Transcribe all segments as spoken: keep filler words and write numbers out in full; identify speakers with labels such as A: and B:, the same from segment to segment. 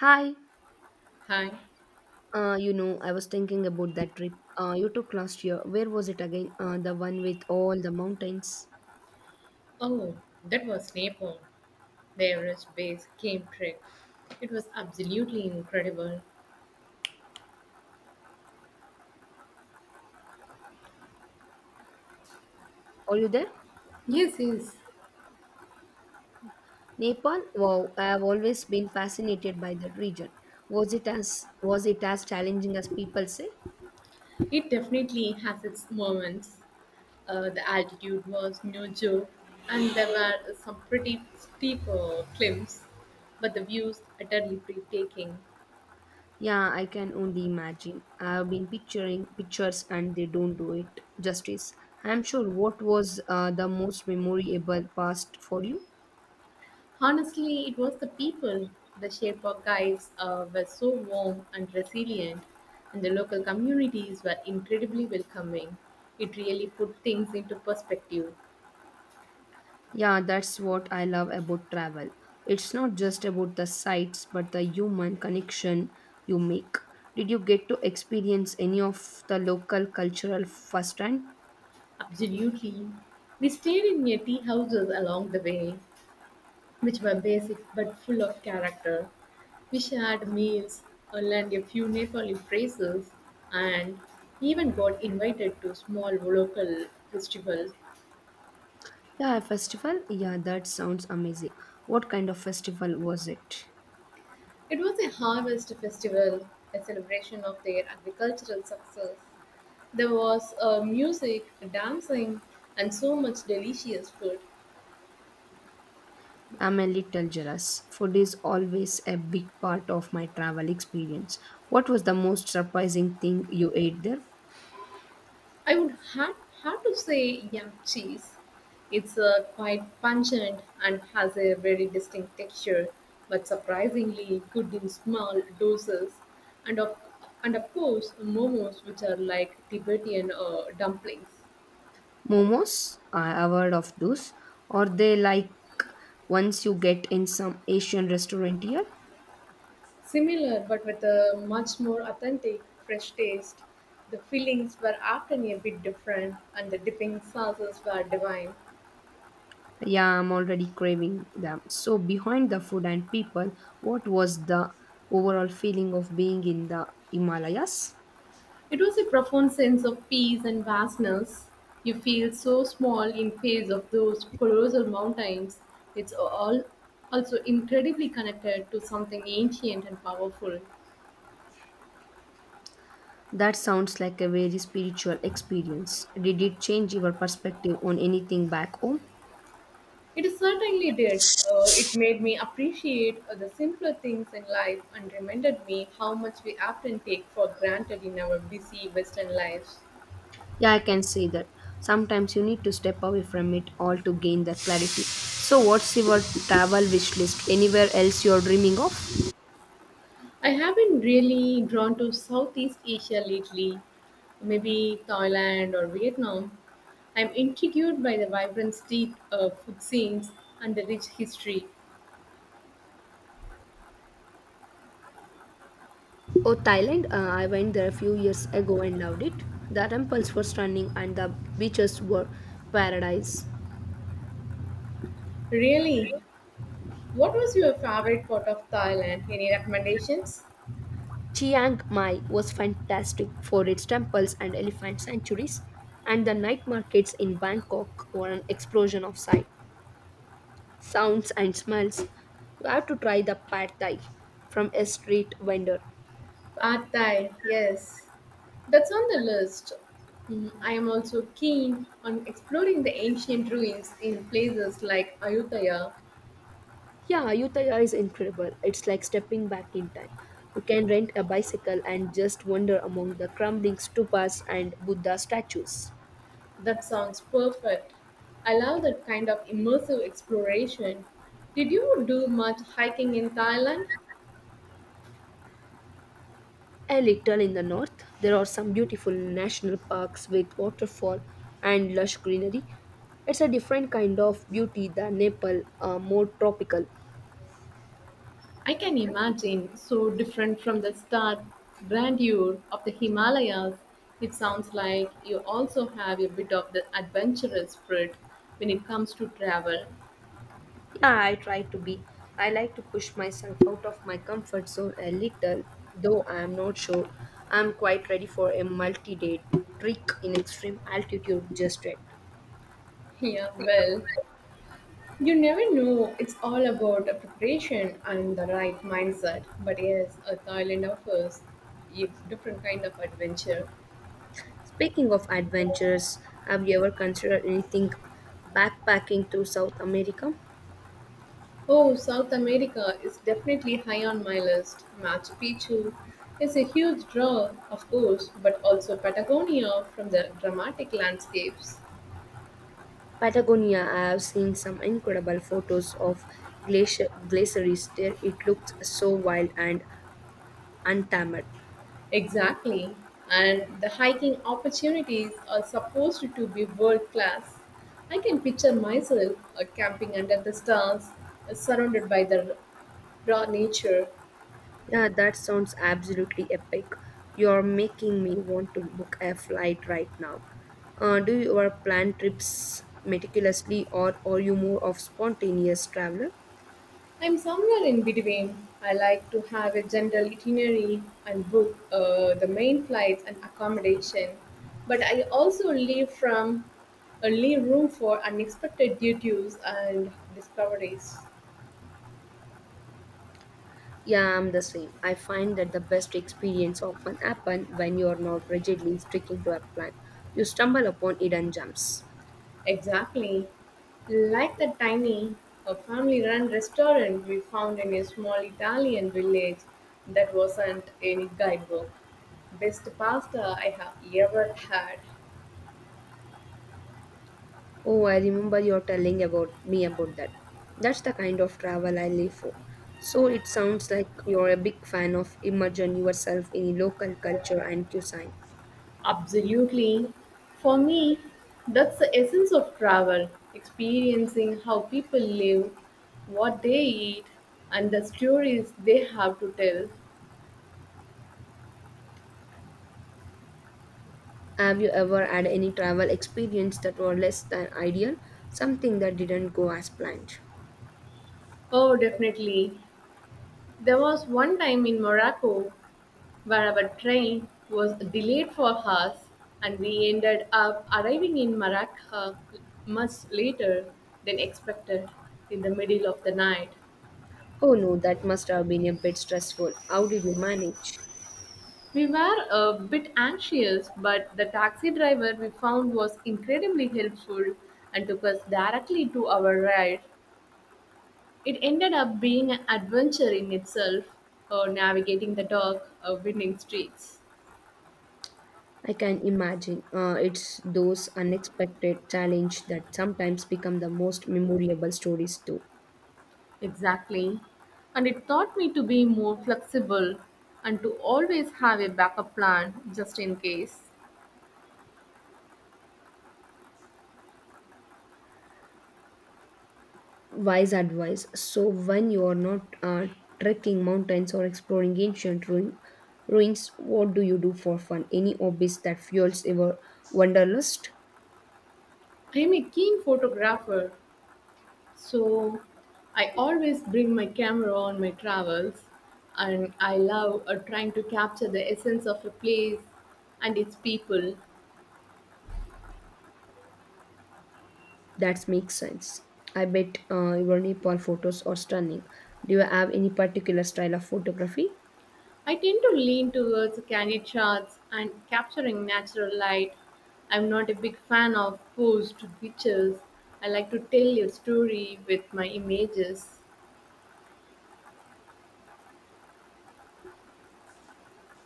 A: Hi,
B: Hi.
A: uh, you know, I was thinking about that trip uh, you took last year. Where was it again? Uh, the one with all the mountains.
B: Oh, that was Nepal, the Everest base cave trek. It was absolutely incredible.
A: Are you there?
B: Yes, yes.
A: Nepal? Wow, I have always been fascinated by that region. Was it as was it as challenging as people say?
B: It definitely has its moments. Uh, the altitude was no joke, and there were some pretty steep uh, climbs, but the views utterly breathtaking.
A: Yeah, I can only imagine. I have been picturing pictures and they don't do it justice. I'm sure what was uh, the most memorable past for you?
B: Honestly, it was the people. The Sherpa guys uh, were so warm and resilient, and the local communities were incredibly welcoming. It really put things into perspective.
A: Yeah, that's what I love about travel. It's not just about the sights, but the human connection you make. Did you get to experience any of the local cultural firsthand?
B: Absolutely. We stayed in near tea houses along the way, which were basic but full of character. We shared meals, uh, learned a few Nepali phrases, and even got invited to small local festival.
A: Yeah, a festival? Yeah, that sounds amazing. What kind of festival was it?
B: It was a harvest festival, a celebration of their agricultural success. There was uh, music, dancing, and so much delicious food.
A: I'm a little jealous. Food is always a big part of my travel experience. What was the most surprising thing you ate there?
B: I would have, have to say yam cheese. It's uh, quite pungent and has a very distinct texture, but surprisingly good in small doses. And of, and of course, momos, which are like Tibetan uh, dumplings.
A: Momos, I avoid of those. Or they like once you get in some Asian restaurant here.
B: Similar, but with a much more authentic, fresh taste. The fillings were often a bit different, and the dipping sauces were divine.
A: Yeah, I'm already craving them. So behind the food and people, what was the overall feeling of being in the Himalayas?
B: It was a profound sense of peace and vastness. You feel so small in face of those colossal mountains. It's all also incredibly connected to something ancient and powerful.
A: That sounds like a very spiritual experience. Did it change your perspective on anything back home?
B: It certainly did. Uh, it made me appreciate uh, the simpler things in life and reminded me how much we often take for granted in our busy Western lives.
A: Yeah, I can see that. Sometimes you need to step away from it all to gain that clarity. So, what's your travel wish list? Anywhere else you're dreaming of?
B: I have been really drawn to Southeast Asia lately, maybe Thailand or Vietnam. I'm intrigued by the vibrant street uh, food scenes and the rich history.
A: Oh, Thailand. Uh, I went there a few years ago and loved it. The temples were stunning and the beaches were paradise.
B: Really, what was your favorite part of Thailand? Any recommendations?
A: Chiang Mai was fantastic for its temples and elephant sanctuaries, and the night markets in Bangkok were an explosion of sight, sounds, and smells. You have to try the pad thai from a street vendor.
B: Pad Thai, yes. That's on the list. Mm, I am also keen on exploring the ancient ruins in places like Ayutthaya.
A: Yeah, Ayutthaya is incredible. It's like stepping back in time. You can rent a bicycle and just wander among the crumbling stupas and Buddha statues.
B: That sounds perfect. I love that kind of immersive exploration. Did you do much hiking in Thailand?
A: A little in the north, there are some beautiful national parks with waterfall and lush greenery. It's a different kind of beauty than Nepal, uh, more tropical.
B: I can imagine so different from the stark grandeur of the Himalayas. It sounds like you also have a bit of the adventurous spirit when it comes to travel.
A: Yeah, I try to be. I like to push myself out of my comfort zone a little, though I am not sure I'm quite ready for a multi day trek in extreme altitude just yet.
B: Yeah, well, you never know. It's all about preparation and the right mindset. But yes, uh, Thailand offers a different kind of adventure.
A: Speaking of adventures, have you ever considered anything backpacking through South America?
B: Oh, South America is definitely high on my list. Machu Picchu is a huge draw, of course, but also Patagonia from the dramatic landscapes.
A: Patagonia, I have seen some incredible photos of glacier, glaciers there. It looks so wild and untamed.
B: Exactly. And the hiking opportunities are supposed to be world class. I can picture myself uh, camping under the stars, uh, surrounded by the raw nature.
A: Yeah, that sounds absolutely epic. You're making me want to book a flight right now. Uh, do you ever plan trips meticulously or are you more of spontaneous traveler?
B: I'm somewhere in between. I like to have a general itinerary and book uh, the main flights and accommodation, but I also leave from uh, leave room for unexpected duties and discoveries.
A: Yeah, I'm the same. I find that the best experience often happen when you are not rigidly sticking to a plan. You stumble upon hidden gems.
B: Exactly, like the tiny a family-run restaurant we found in a small Italian village that wasn't any guidebook. Best pasta I have ever had.
A: Oh, I remember you're telling about me about that. That's the kind of travel I live for. So it sounds like you're a big fan of immersing yourself in local culture and cuisine.
B: Absolutely. For me, that's the essence of travel experiencing how people live, what they eat, and the stories they have to tell.
A: Have you ever had any travel experience that were less than ideal, something that didn't go as planned?
B: Oh, definitely. There was one time in Morocco where our train was delayed for hours and we ended up arriving in Marrakech much later than expected in the middle of the night.
A: Oh no, that must have been a bit stressful. How did you manage?
B: We were a bit anxious, but the taxi driver we found was incredibly helpful and took us directly to our ride. It ended up being an adventure in itself, uh, navigating the dark, uh, winding streets.
A: I can imagine. Uh, it's those unexpected challenges that sometimes become the most memorable stories too.
B: Exactly. And it taught me to be more flexible and to always have a backup plan just in case.
A: Wise advice. So, when you are not uh, trekking mountains or exploring ancient ru- ruins, what do you do for fun? Any hobbies that fuels your wanderlust?
B: I'm a keen photographer, so I always bring my camera on my travels, and I love uh, trying to capture the essence of a place and its people.
A: That makes sense. I bet uh, your Nepal photos are stunning. Do you have any particular style of photography?
B: I tend to lean towards candid shots and capturing natural light. I'm not a big fan of posed pictures. I like to tell a story with my images.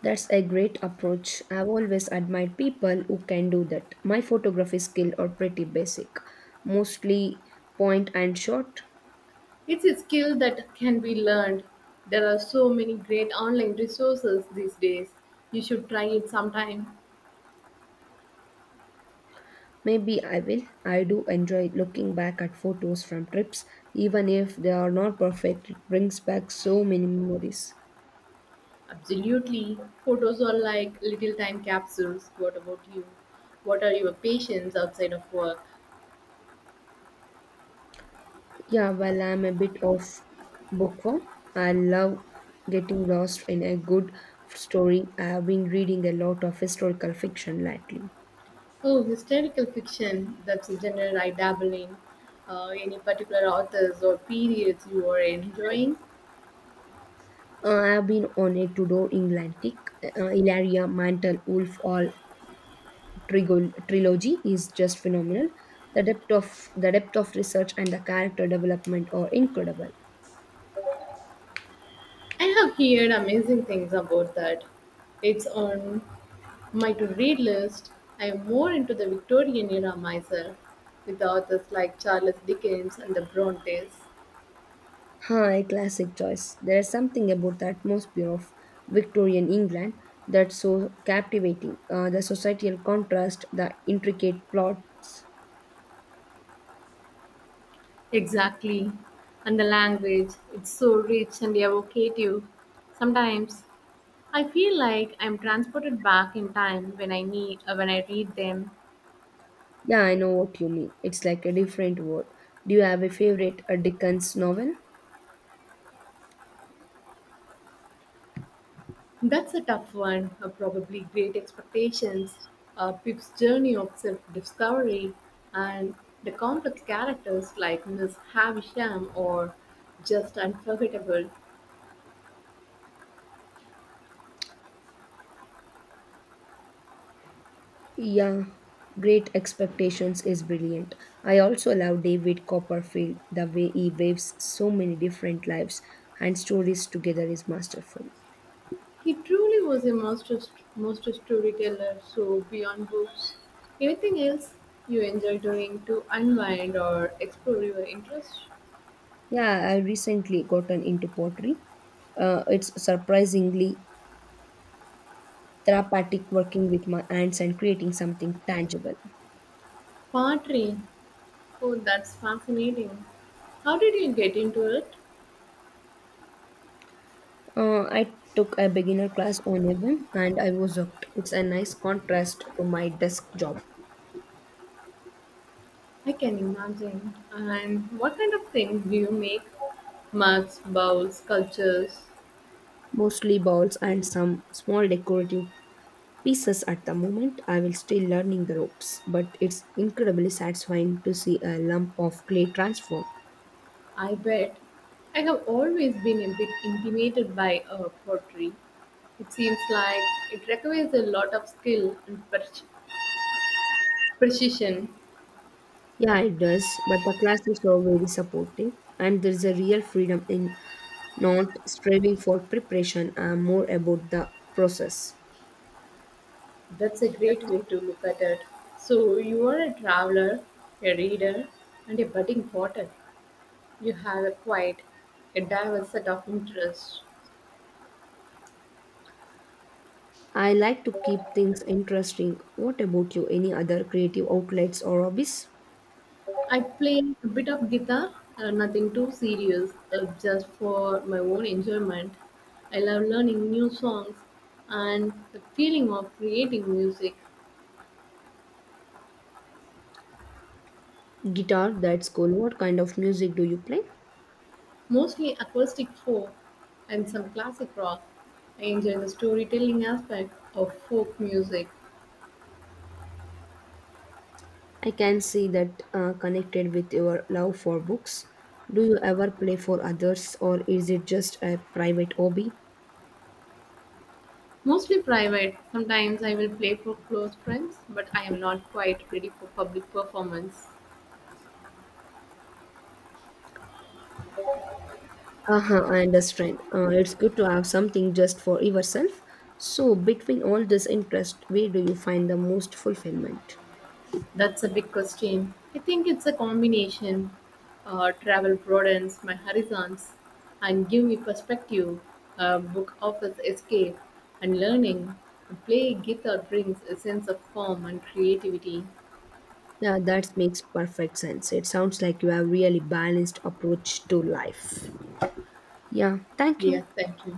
A: That's a great approach. I've always admired people who can do that. My photography skill are pretty basic, mostly point and shot.
B: It's a skill that can be learned. There are so many great online resources these days. You should try it sometime.
A: Maybe I will. I do enjoy looking back at photos from trips, even if they are not perfect, it brings back so many memories.
B: Absolutely. Photos are like little time capsules. What about you? What are your passions outside of work?
A: Yeah, well, I'm a bit of bookworm. I love getting lost in a good story. I have been reading a lot of historical fiction lately.
B: Oh, historical fiction. That's a genre I dabble in. Uh, any particular authors or periods you are enjoying?
A: Uh, I have been on a Tudor England kick. Uh, Ilaria, Mantle, Wolf, all trigo- trilogy is just phenomenal. The depth of the depth of research and the character development are incredible.
B: I have heard amazing things about that. It's on my to read list. I am more into the Victorian era myself, with authors like Charles Dickens and the Brontes.
A: Huh, a classic choice. There is something about the atmosphere of Victorian England that's so captivating. Uh, the societal contrast, the intricate plots.
B: Exactly. And the language, it's so rich and evocative. Sometimes I feel like I'm transported back in time when I need uh, when I read them.
A: Yeah, I know what you mean. It's like a different world. Do you have a favorite uh, Dickens novel?
B: That's a tough one, uh, probably great expectations, uh, Pip's journey of self-discovery, and the complex characters like Miss Havisham or just unforgettable.
A: Yeah, Great Expectations is brilliant. I also love David Copperfield. The way he waves so many different lives and stories together is masterful.
B: He truly was a master master storyteller, so beyond books, anything else you enjoy doing to unwind or explore your interests?
A: Yeah, I recently gotten into pottery. Uh, it's surprisingly therapeutic working with my hands and creating something tangible.
B: Pottery. Oh, that's fascinating. How did you get into it?
A: Uh, I took a beginner class on a whim and I was hooked. It's a nice contrast to my desk job.
B: I can imagine. And what kind of things do you make? Mugs, bowls, sculptures.
A: Mostly bowls and some small decorative pieces at the moment. I will still learning the ropes, but it's incredibly satisfying to see a lump of clay transform.
B: I bet. I have always been a bit intimidated by uh, pottery. It seems like it requires a lot of skill and per- precision.
A: Yeah, it does. But the classes are very supportive, and there's a real freedom in not striving for preparation and more about the process.
B: That's a great way to look at it. So, you are a traveler, a reader, and a budding potter. You have a quite a diverse set of interests.
A: I like to keep things interesting. What about you? Any other creative outlets or hobbies?
B: I play a bit of guitar, uh, nothing too serious, uh, just for my own enjoyment. I love learning new songs and the feeling of creating music,
A: Guitar, that's cool. What kind of music do you play?
B: mostly acoustic folk and some classic rock. I enjoy the storytelling aspect of folk music.
A: I can see that uh, connected with your love for books. Do you ever play for others, or is it just a private hobby?
B: Mostly private. Sometimes I will play for close friends, but I am not quite ready for public performance.
A: Uh-huh, I understand. Uh, it's good to have something just for yourself. So, between all this interest, where do you find the most fulfillment?
B: That's a big question. I think it's a combination. Uh, travel broadens my horizons and give me perspective. A book offers escape and learning. Play guitar brings a sense of calm and creativity.
A: Yeah, that makes perfect sense. It sounds like you have really balanced approach to life. Yeah, thank
B: Yes,
A: you.
B: thank you.